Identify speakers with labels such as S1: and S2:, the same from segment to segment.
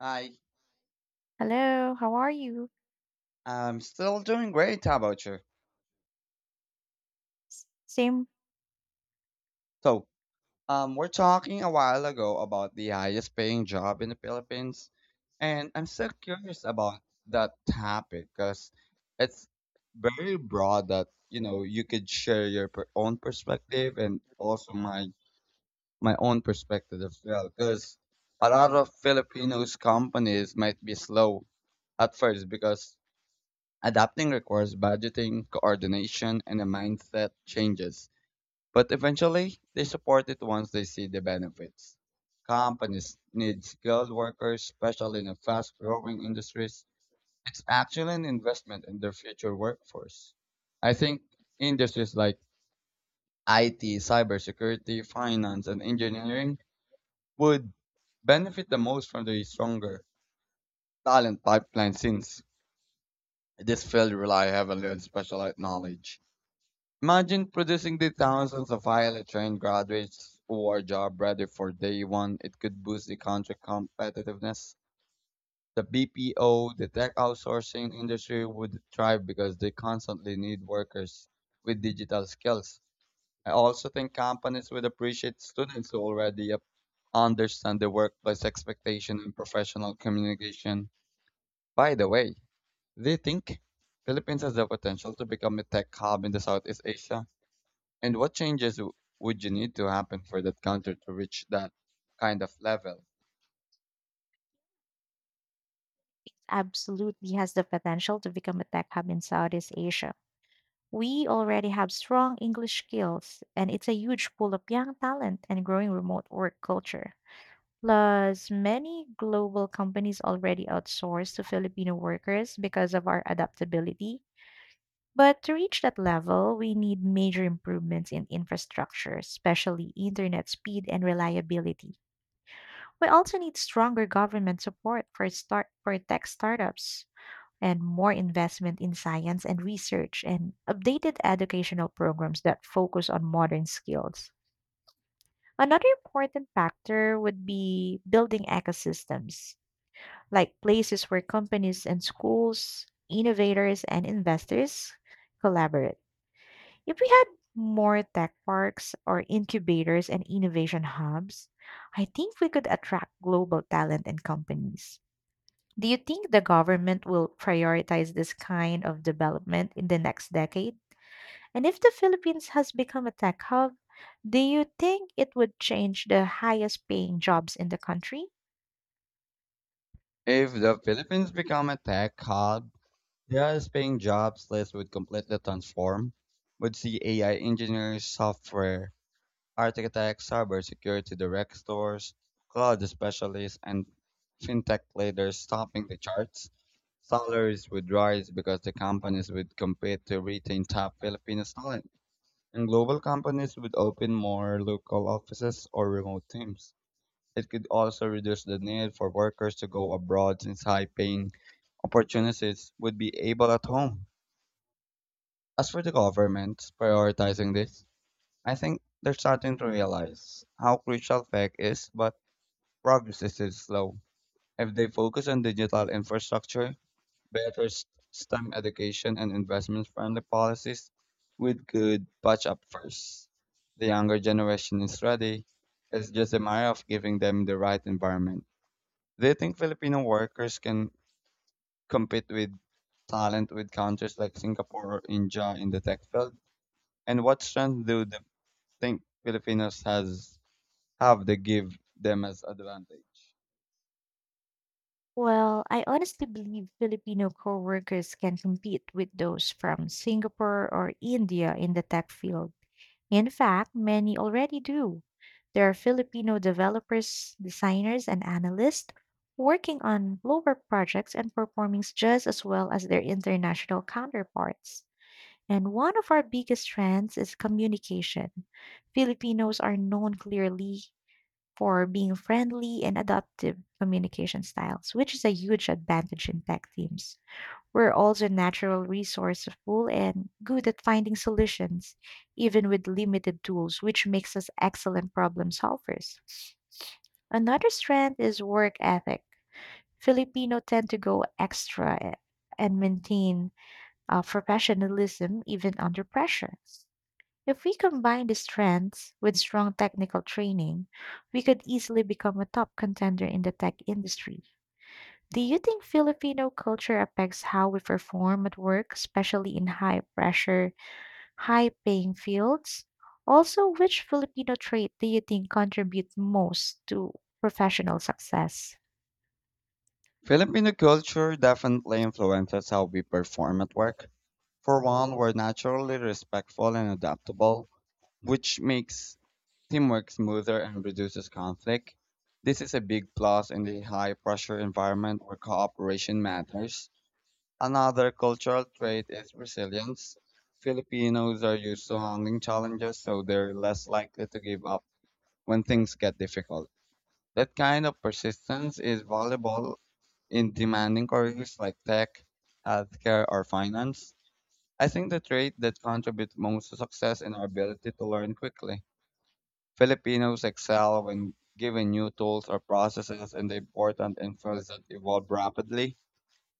S1: I
S2: Hello, how are you?
S1: am still doing great. How about you?
S2: SIM
S1: So, we're talking a while ago about the highest paying job in the Philippines, and I'm still curious about that topic because it's very broad that, you could share your own perspective and also my own perspective as well because a lot of Filipinos companies might be slow at first because adapting requires budgeting, coordination, and a mindset changes. But eventually, they support it once they see the benefits. Companies need skilled workers, especially in the fast-growing industries. It's actually an investment in their future workforce. I think industries like IT, cybersecurity, finance, and engineering would benefit the most from the stronger talent pipeline since this field rely heavily on specialized knowledge. Imagine producing the thousands of highly trained graduates who are job ready for day one. It could boost the country competitiveness. The BPO, the tech outsourcing industry would thrive because they constantly need workers with digital skills. I also think companies would appreciate students who already understand the workplace expectation and professional communication. By the way, do you think Philippines has the potential to become a tech hub in the Southeast Asia? And what changes would you need to happen for that counter to reach that kind of level?
S2: absolutely has the potential to become a tech hub in Southeast Asia. We already have strong English skills, and it's a huge pool of young talent and growing remote work culture. Plus, many global companies already outsource to Filipino workers because of our adaptability. But to reach that level, we need major improvements in infrastructure, especially internet speed and reliability. We also need stronger government support for start for tech startups, and more investment in science and research and updated educational programs that focus on modern skills. Another important factor would be building ecosystems, like places where companies and schools, innovators and investors collaborate. If we had more tech parks or incubators and innovation hubs, I think we could attract global talent and companies. Do you think the government will prioritize this kind of development in the next decade? And if the Philippines has become a tech hub, do you think it would change the highest paying jobs in the country?
S1: If the Philippines become a tech hub, just paying jobs list would completely transform. Would see AI engineers, software architects, cybersecurity direct stores, cloud specialists, and fintech leaders stopping the charts. Salaries would rise because the companies would compete to retain top Filipino talent. And global companies would open more local offices or remote teams, it could also reduce the need for workers to go abroad since high paying opportunities would be able at home. As for the governments prioritizing this, I think they're starting to realize how crucial tech is, but progress is still slow. If they focus on digital infrastructure, better s- STEM education and investment-friendly policies with good patch-up first. The younger generation is ready. It's just a matter of giving them the right environment. Do you think Filipino workers can compete with talent with countries like Singapore or India in the tech field? And what strength do they think Filipinos has have they give them as advantage?
S2: Well, I honestly believe Filipino co workers can compete with those from Singapore or India in the tech field. In fact, many already do. There are Filipino developers, designers, and analysts working on global projects and performing just as well as their international counterparts. And one of our biggest strengths is communication. Filipinos are known clearly for being friendly and adaptive communication styles, which is a huge advantage in tech teams. We're also natural resourceful and good at finding solutions, even with limited tools, which makes us excellent problem solvers. Another strength is work ethic. Filipino tend to go extra e, and maintain professionalism even under pressure. If we combine these strengths with strong technical training, we could easily become a top contender in the tech industry. Do you think Filipino culture affects how we perform at work, especially in high pressure, high paying fields? Also, which Filipino trait do you think contributes most to professional success?
S1: Filipino culture definitely influences how we perform at work. For one, we're naturally respectful and adaptable, which makes teamwork smoother and reduces conflict. This is a big plus in the high pressure environment where cooperation matters. Another cultural trait is resilience. Filipinos are used to handling challenges, so they're less likely to give up when things get difficult. That kind of persistence is valuable in demanding careers like tech, healthcare, or finance. I think the trait that contributes most to success is our ability to learn quickly. Filipinos excel when given new tools or processes and the important infos that evolve rapidly.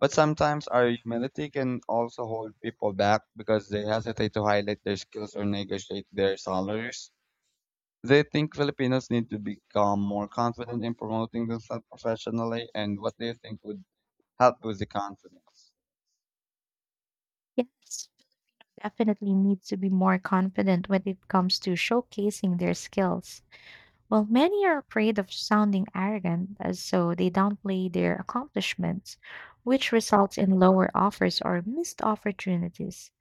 S1: But sometimes our humility can also hold people back because they hesitate to highlight their skills or negotiate their salaries. They think Filipinos need to become more confident in promoting themselves professionally, and what do you think would help with the confidence?
S2: Yes, definitely need to be more confident when it comes to showcasing their skills. While many are afraid of sounding arrogant, so they downplay their accomplishments, which results in lower offers or missed opportunities.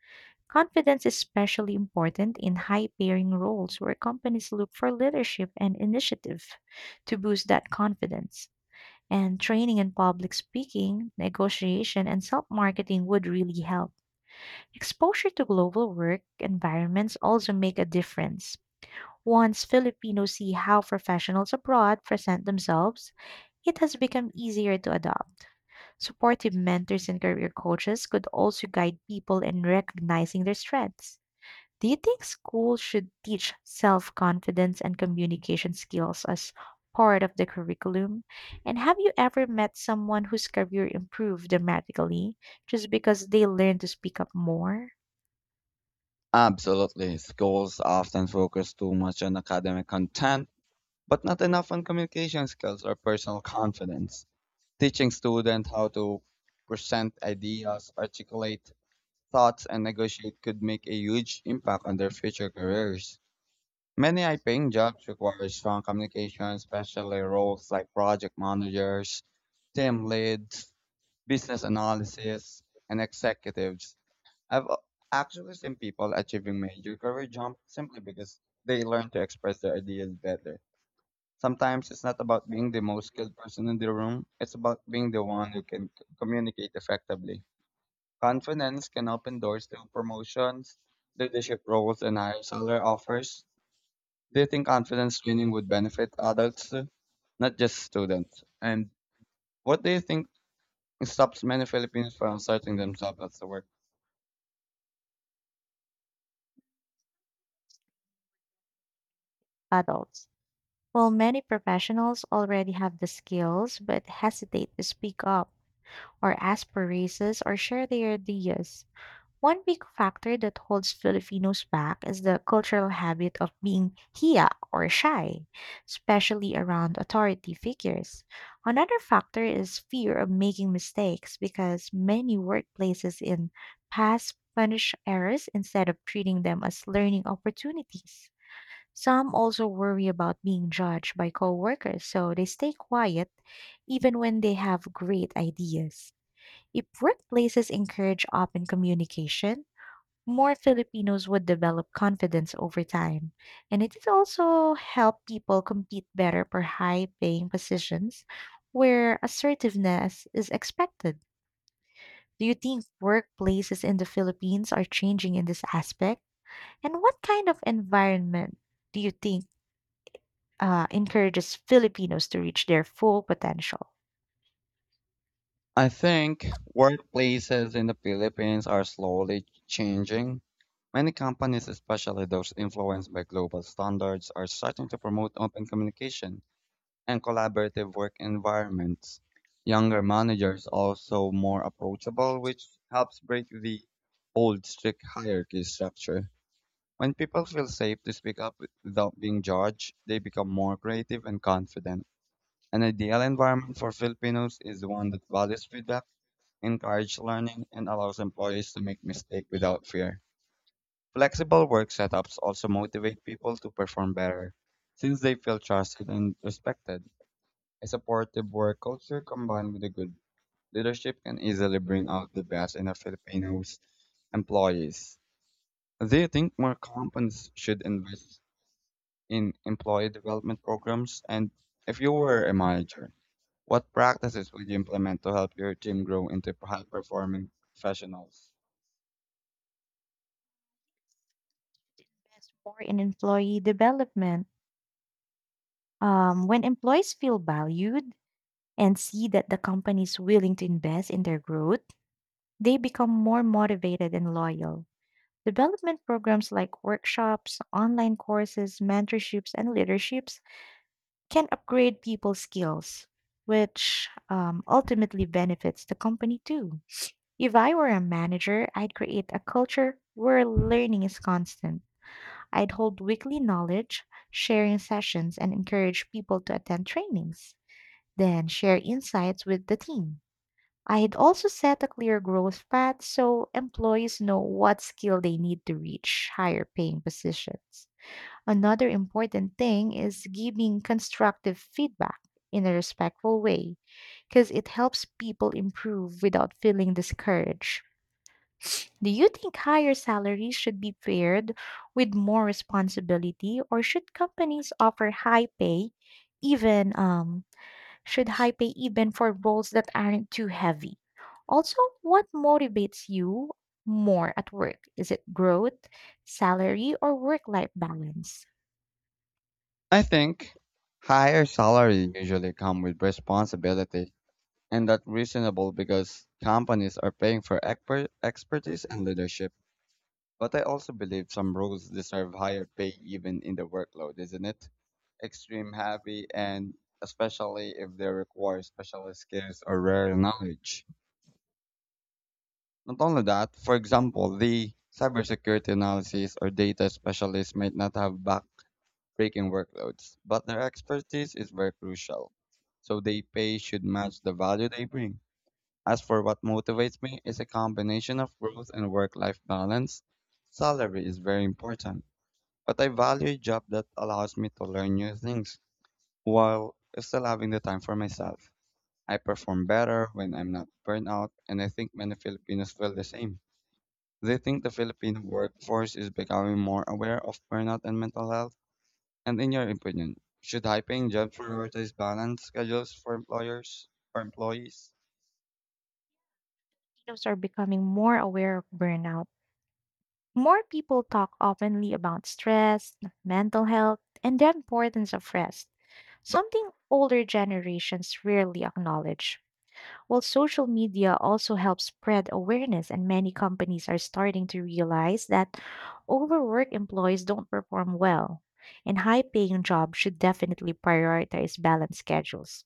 S2: Confidence is especially important in high paying roles where companies look for leadership and initiative to boost that confidence. And training in public speaking, negotiation, and self marketing would really help. Exposure to global work environments also make a difference. Once Filipinos see how professionals abroad present themselves, it has become easier to adopt. Supportive mentors and career coaches could also guide people in recognizing their strengths. Do you think schools should teach self confidence and communication skills as part of the curriculum? And have you ever met someone whose career improved dramatically just because they learned to speak up more?
S1: Absolutely. Schools often focus too much on academic content, but not enough on communication skills or personal confidence. Teaching students how to present ideas, articulate thoughts, and negotiate could make a huge impact on their future careers. Many high paying jobs require strong communication, especially roles like project managers, team leads, business analysis, and executives. I've a- actually seen people achieving major career jump simply because they learn to express their ideas better. Sometimes it's not about being the most skilled person in the room, it's about being the one who can communicate effectively. Confidence can open doors to promotions, leadership roles, and higher salary offers. Do you think confidence training would benefit adults, too, not just students? And what do you think stops many Filipinos from asserting themselves at the workplace?
S2: Adults. Well, many professionals already have the skills but hesitate to speak up or ask for raises or share their ideas. One big factor that holds Filipinos back is the cultural habit of being hiya or shy, especially around authority figures. Another factor is fear of making mistakes because many workplaces in past punish errors instead of treating them as learning opportunities. Some also worry about being judged by coworkers, so they stay quiet even when they have great ideas. If workplaces encourage open communication, more Filipinos would develop confidence over time. And it is also help people compete better for high paying positions where assertiveness is expected. Do you think workplaces in the Philippines are changing in this aspect? And what kind of environment do you think encourages Filipinos to reach their full potential?
S1: I think workplaces in the Philippines are slowly changing. Many companies, especially those influenced by global standards, are starting to promote open communication and collaborative work environments. Younger managers are also more approachable, which helps break the old strict hierarchy structure. When people feel safe to speak up without being judged, they become more creative and confident. An ideal environment for Filipinos is one that values feedback, encourage learning, and allows employees to make mistakes without fear. Flexible work setups also motivate people to perform better since they feel trusted and respected. A supportive work culture combined with a good leadership can easily bring out the best in a Filipino's employees. Do you think more companies should invest in employee development programs? And if you were a manager, what practices would you implement to help your team grow into high performing professionals?
S2: Invest more in employee development. When employees feel valued and see that the company is willing to invest in their growth, they become more motivated and loyal. Development programs like workshops, online courses, mentorships, and leaderships can upgrade people's skills, which ultimately benefits the company too. If I were a manager, I'd create a culture where learning is constant. I'd hold weekly knowledge, sharing sessions, and encourage people to attend trainings, then share insights with the team. I had also set a clear growth path so employees know what skill they need to reach higher paying positions. Another important thing is giving constructive feedback in a respectful way because it helps people improve without feeling discouraged. Do you think higher salaries should be paired with more responsibility, or should companies offer high pay even should high pay even for roles that aren't too heavy? Also, what motivates you more at work? Is it growth, salary, or work life balance?
S1: I think higher salary usually come with responsibility, and that's reasonable because companies are paying for expertise and leadership. But I also believe some roles deserve higher pay even in the workload, isn't it? Extreme happy and especially if they require specialist skills or rare knowledge. Not only that, for example, the cybersecurity analysis or data specialists might not have back breaking workloads, but their expertise is very crucial, so they pay should match the value they bring. As for what motivates me is a combination of growth and work-life balance. Salary is very important, but I value a job that allows me to learn new things while still having the time for myself. I perform better when I'm not burnt out, and I think many Filipinos feel the same. They think the Filipino workforce is becoming more aware of burnout and mental health and in your opinion, should high-paying jobs prioritize balanced schedules for employers or employees?
S2: Those are becoming more aware of burnout. More people talk openly about stress, mental health, and the importance of rest, something older generations rarely acknowledge. Well, social media also helps spread awareness, and many companies are starting to realize that overworked employees don't perform well, and high paying jobs should definitely prioritize balanced schedules.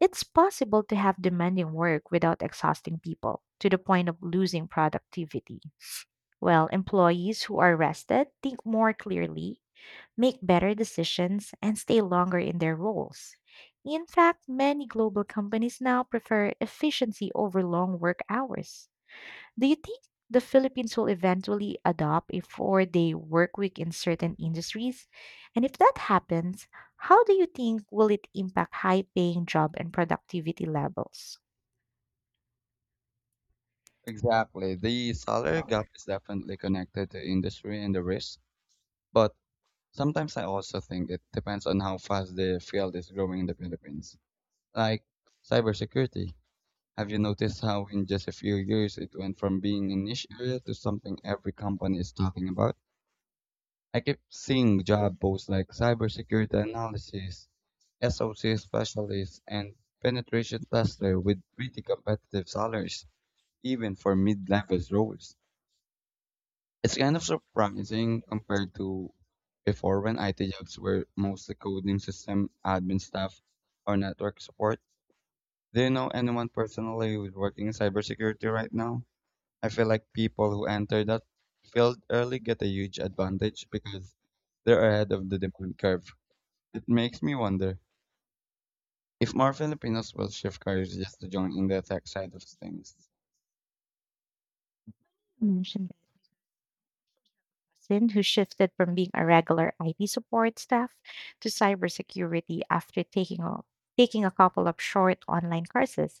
S2: It's possible to have demanding work without exhausting people to the point of losing productivity. Well, employees who are rested think more clearly, make better decisions, and stay longer in their roles. In fact, many global companies now prefer efficiency over long work hours. Do you think the Philippines will eventually adopt a 4 day work week in certain industries? And if that happens, how do you think will it impact high paying job and productivity levels?
S1: Exactly. The salary gap is definitely connected to industry and the risk, but sometimes I also think it depends on how fast the field is growing in the Philippines. Like cybersecurity. Have you noticed how in just a few years it went from being a niche area to something every company is talking about? I keep seeing job posts like cybersecurity analysis, SOC specialists and penetration tester with pretty competitive salaries, even for mid-level roles. It's kind of surprising compared to before when IT jobs were mostly coding system admin staff or network support. Do you know anyone personally who's working in cybersecurity right now? I feel like people who enter that field early get a huge advantage because they're ahead of the demand curve. It makes me wonder if more Filipinos will shift careers just to join in the tech side of things.
S2: Mentioned person who shifted from being a regular IT support staff to cybersecurity after taking a couple of short online courses.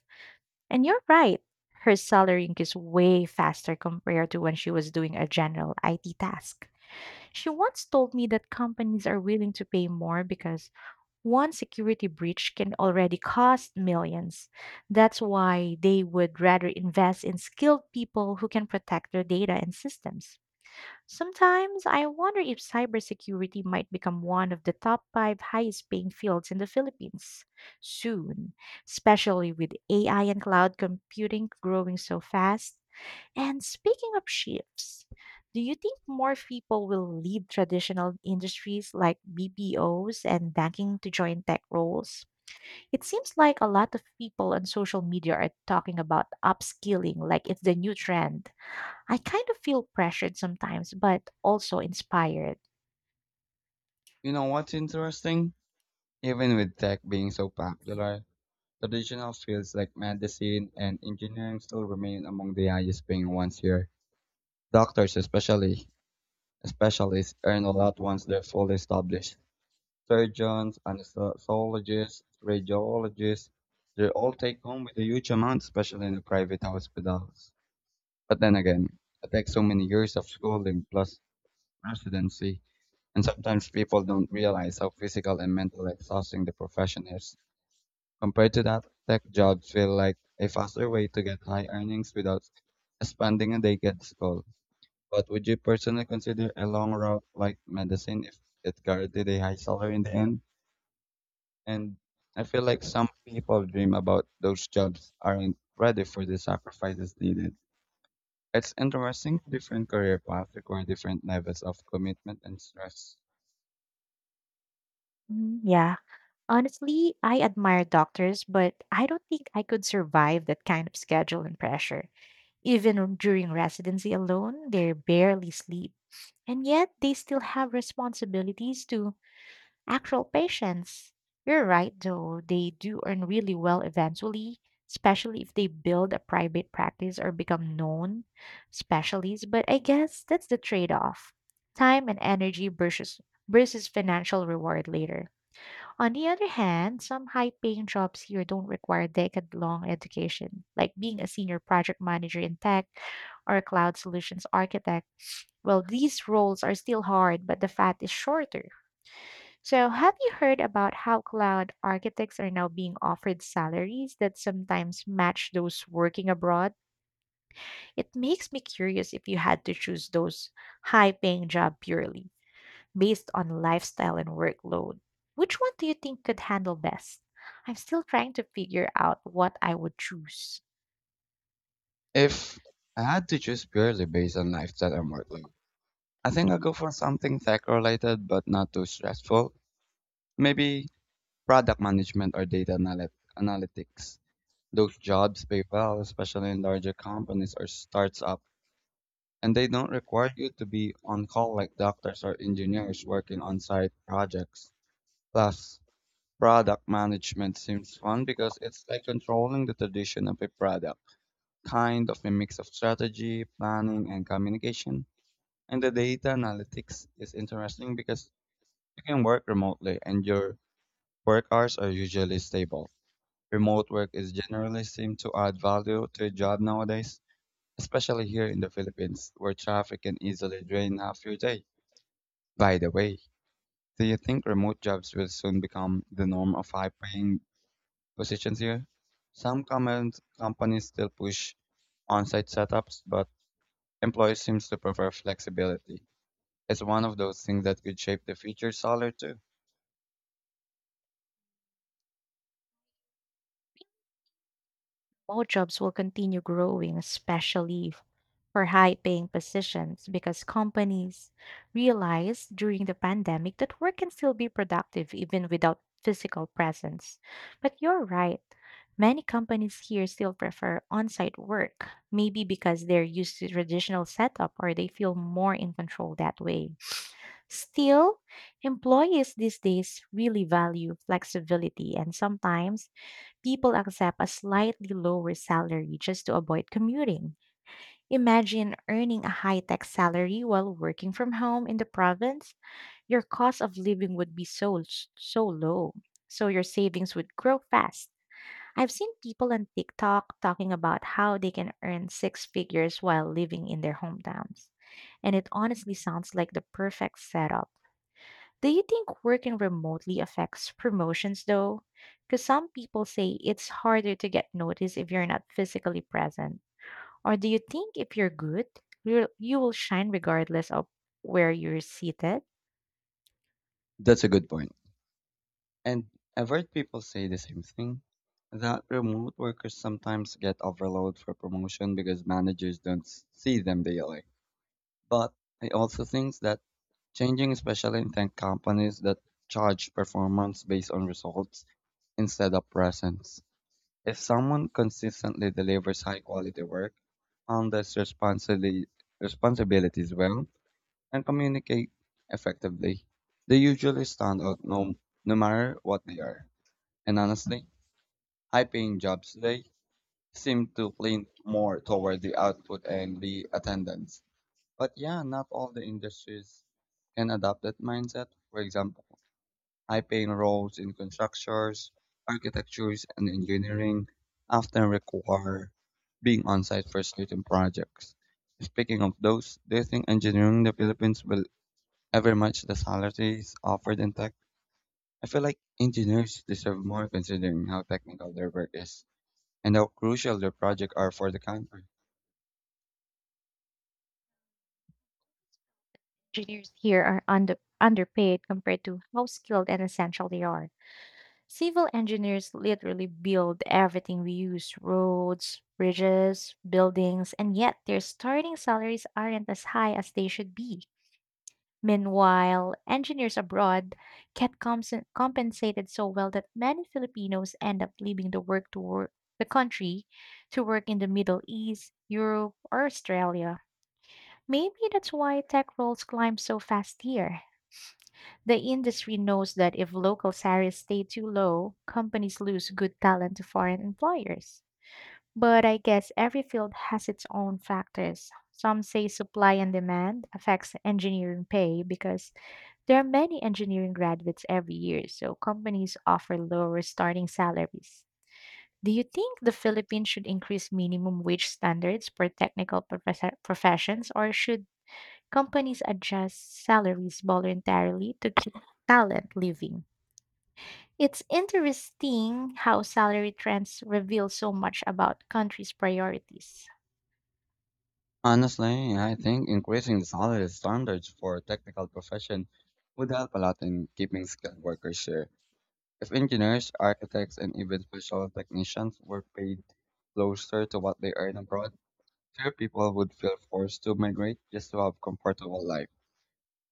S2: And you're right, her salary increased way faster compared to when she was doing a general IT task. She once told me that companies are willing to pay more because one security breach can already cost millions. That's why they would rather invest in skilled people who can protect their data and systems. Sometimes I wonder if cybersecurity might become one of the top five highest paying fields in the Philippines soon, especially with AI and cloud computing growing so fast. And speaking of shifts, do you think more people will leave traditional industries like BPOs and banking to join tech roles? It seems like a lot of people on social media are talking about upskilling like it's the new trend. I kind of feel pressured sometimes, but also inspired.
S1: You know what's interesting? Even with tech being so popular, traditional fields like medicine and engineering still remain among the highest paying ones here. Doctors especially specialists earn a lot once they're fully established. Surgeons, anesthesiologists, radiologists, they all take home with a huge amount, especially in the private hospitals. But then again, it takes so many years of schooling plus residency. And sometimes people don't realize how physical and mental exhausting the profession is. Compared to that, tech jobs feel like a faster way to get high earnings without spending a day at school. But would you personally consider a long route like medicine if it guaranteed a high salary in the end? And I feel like some people dream about those jobs aren't ready for the sacrifices needed. It's interesting, different career paths require different levels of commitment and stress.
S2: Yeah. Honestly, I admire doctors, but I don't think I could survive that kind of schedule and pressure. Even during residency alone, they barely sleep. And yet, they still have responsibilities too. Actual patients. You're right, though. They do earn really well eventually, especially if they build a private practice or become known specialists. But I guess that's the trade off time and energy versus financial reward later. On the other hand, some high paying jobs here don't require decade long education, like being a senior project manager in tech or a cloud solutions architect. Well, these roles are still hard, but the fat is shorter. So, have you heard about how cloud architects are now being offered salaries that sometimes match those working abroad? It makes me curious if you had to choose those high paying job purely based on lifestyle and workload. Which one do you think could handle best? I'm still trying to figure out what I would choose.
S1: If I had to choose purely based on lifestyle and life, I think I'll go for something tech related but not too stressful. Maybe product management or analytics. Those jobs pay well, especially in larger companies or starts up, and they don't require you to be on call like doctors or engineers working on site projects. Plus, product management seems fun because it's like controlling the tradition of a product, kind of a mix of strategy, planning, and communication. And the data analytics is interesting because you can work remotely and your work hours are usually stable. Remote work is generally seen to add value to a job nowadays, especially here in the Philippines where traffic can easily drain half your day. By the way, do you think remote jobs will soon become the norm of high paying positions here? Some comment companies still push on-site setups, but employees seem to prefer flexibility. It's one of those things that could shape the future salary too.
S2: All jobs will continue growing, especially for high paying positions because companies realized during the pandemic that work can still be productive even without physical presence. But you're right. Many companies here still prefer on site work, maybe because they're used to traditional setup or they feel more in control that way. Still, employees these days really value flexibility, and sometimes people accept a slightly lower salary just to avoid commuting. Imagine earning a high tech salary while working from home in the province. Your cost of living would be so low, so your savings would grow fast. I've seen people on TikTok talking about how they can earn six figures while living in their hometowns. And it honestly sounds like the perfect setup. Do you think working remotely affects promotions though? Because some people say it's harder to get noticed if you're not physically present. Or do you think if you're good, you will shine regardless of where you're seated?
S1: That's a good point. And I've heard people say the same thing that remote workers sometimes get overloaded for promotion because managers don't see them daily. But I also think that changing, especially in tech companies that charge performance based on results instead of presence. If someone consistently delivers high quality work, on this responsibility responsibilities well, and communicate effectively. They usually stand out no matter what they are. And honestly, high paying jobs today seem to lean more toward the output and the attendance. But yeah, not all the industries can adopt that mindset. For example, high paying roles in constructions, architectures, and engineering often require being on site for certain projects. Speaking of those, do you think engineering in the Philippines will ever much the salaries offered in tech? I feel like engineers deserve more considering how technical their work is and how crucial their projects are for the country.
S2: Engineers here are underpaid compared to how skilled and essential they are. Civil engineers literally build everything we use roads, bridges, buildings, and yet their starting salaries aren't as high as they should be. Meanwhile, engineers abroad get compensated so well that many Filipinos end up leaving the country to work in the Middle East, Europe, or Australia. Maybe that's why tech roles climb so fast here. The industry knows that if local salaries stay too low, companies lose good talent to foreign employers. But I guess every field has its own factors. Some say supply and demand affects engineering pay because there are many engineering graduates every year, so companies offer lower starting salaries. Do you think the Philippines should increase minimum wage standards for professions, or should companies adjust salaries voluntarily to keep talent living? It's interesting how salary trends reveal so much about countries' priorities.
S1: Honestly, I think increasing the salary standards for technical profession would help a lot in keeping skilled workers here. If engineers, architects, and even special technicians were paid closer to what they earn abroad, fewer people would feel forced to migrate just to have comfortable life.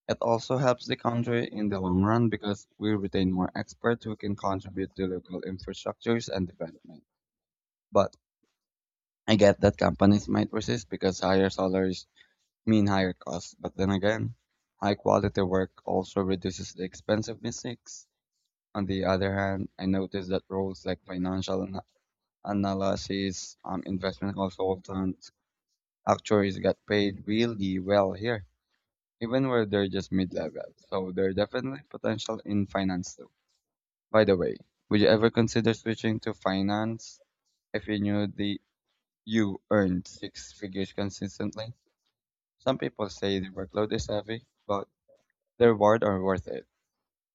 S1: It also helps the country in the long run because we retain more experts who can contribute to local infrastructures and development. But I get that companies might resist because higher salaries mean higher costs. But then again, high quality work also reduces the expense of mistakes. On the other hand, I noticed that roles like analysis, investment consultants, actuaries get paid really well here even where they're just mid level. So they're definitely potential in finance too. By the way, would you ever consider switching to finance if you knew the you earned six figures consistently? Some people say the workload is heavy, but the reward are worth it.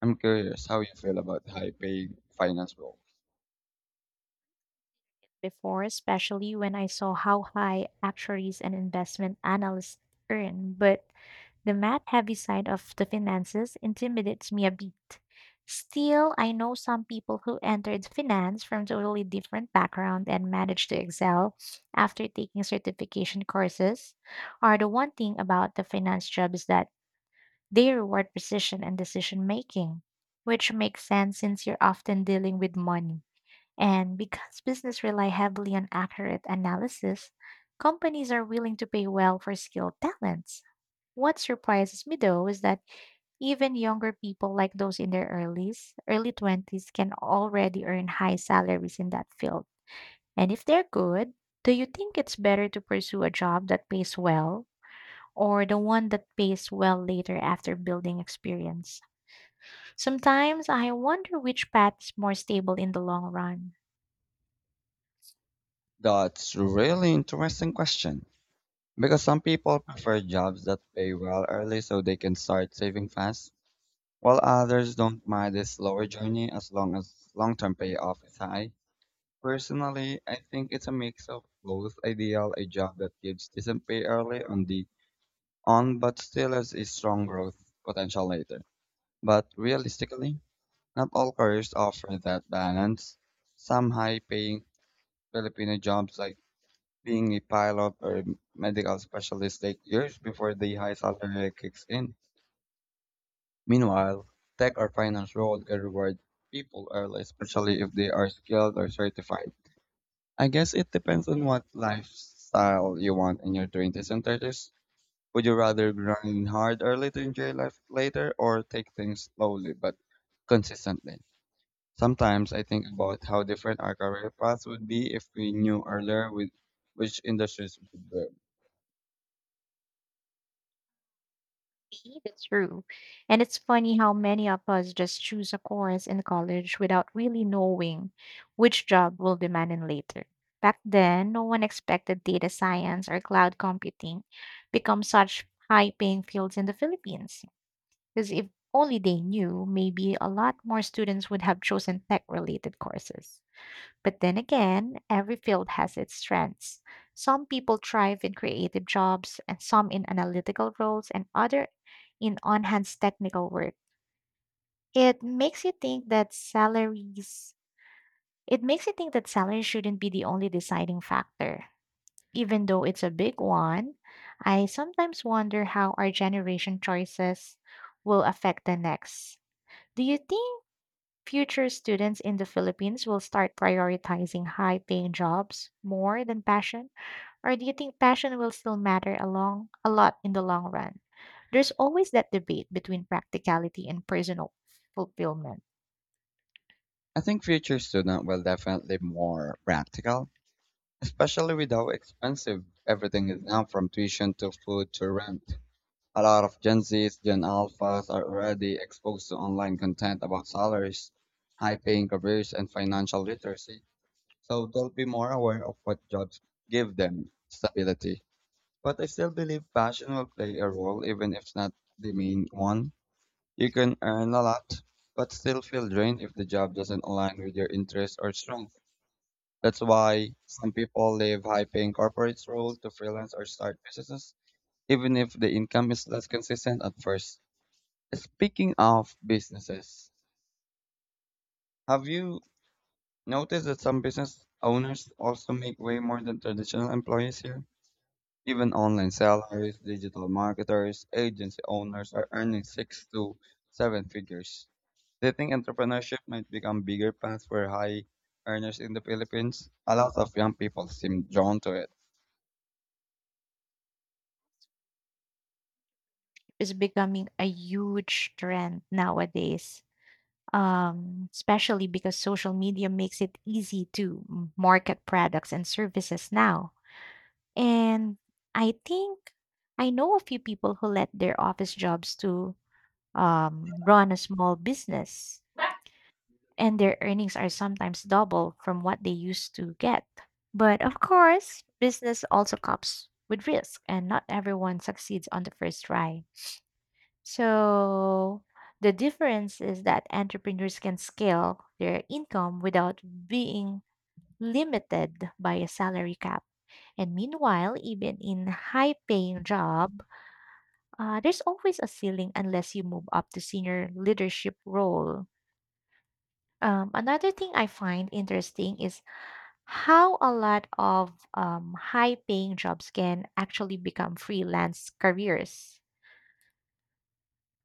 S1: I'm curious how you feel about high paying finance roles.
S2: Before, especially when I saw how high actuaries and investment analysts earn, but the math heavy side of the finances intimidates me a bit. Still, I know some people who entered finance from totally different background and managed to excel after taking certification courses. Are the one thing about the finance job is that they reward precision and decision making, which makes sense since you're often dealing with money. And because business rely heavily on accurate analysis, companies are willing to pay well for skilled talents. What surprises me though is that even younger people like those in their earlies, early 20s can already earn high salaries in that field. And if they're good, do you think it's better to pursue a job that pays well or the one that pays well later after building experience? Sometimes I wonder which path is more stable in the long run.
S1: That's really interesting question. Because some people prefer jobs that pay well early so they can start saving fast, while others don't mind this slower journey as long term payoff is high. Personally, I think it's a mix of both ideal, a job that gives decent pay early on but still has a strong growth potential later. But realistically, not all careers offer that balance. Some high paying Filipino jobs like being a pilot or a medical specialist take years before the high salary kicks in. Meanwhile, tech or finance roles can reward people early, especially if they are skilled or certified. I guess it depends on what lifestyle you want in your 20s and 30s. Would you rather grind hard early to enjoy life later or take things slowly but consistently? Sometimes I think about how different our career paths would be if we knew earlier with which industries we should boom.
S2: That's true. And it's funny how many of us just choose a course in college without really knowing which job will demand in later. Back then, no one expected data science or cloud computing become such high-paying fields in the Philippines. Because if only they knew, maybe a lot more students would have chosen tech-related courses. But then again, every field has its strengths. Some people thrive in creative jobs, and some in analytical roles, and other in on-hands technical work. It makes you think that salaries it makes you think that salary shouldn't be the only deciding factor. Even though it's a big one, I sometimes wonder how our generation choices will affect the next. Do you think future students in the Philippines will start prioritizing high paying jobs more than passion? Or do you think passion will still matter along a lot in the long run? There's always that debate between practicality and personal fulfillment.
S1: I think future student will definitely more practical, especially with how expensive everything is now from tuition to food to rent. A lot of Gen Zs, Gen Alphas are already exposed to online content about salaries, high paying careers, and financial literacy. So they'll be more aware of what jobs give them stability. But I still believe passion will play a role, even if it's not the main one. You can earn a lot, but still feel drained if the job doesn't align with your interests or strengths. That's why some people leave high paying corporate roles to freelance or start businesses, even if the income is less consistent at first. Speaking of businesses, have you noticed that some business owners also make way more than traditional employees here? Even online sellers, digital marketers, agency owners are earning six to seven figures. Do you think entrepreneurship might become bigger path for high earners in the Philippines? A lot of young people seem drawn to it.
S2: It's becoming a huge trend nowadays. Especially because social media makes it easy to market products and services now. And I think I know a few people who let their office jobs to run a small business, and their earnings are sometimes double from what they used to get. But of course, business also comes with risk, and not everyone succeeds on the first try. So, the difference is that entrepreneurs can scale their income without being limited by a salary cap. And meanwhile, even in high paying job, there's always a ceiling unless you move up to senior leadership role. Another thing I find interesting is how a lot of high paying jobs can actually become freelance careers.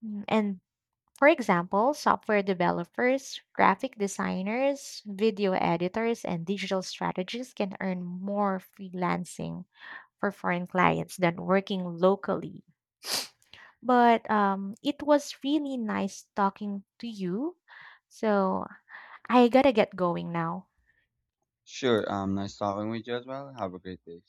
S2: And for example, software developers, graphic designers, video editors, and digital strategists can earn more freelancing for foreign clients than working locally. But it was really nice talking to you. So I gotta get going now.
S1: Sure, nice talking with you as well. Have a great day.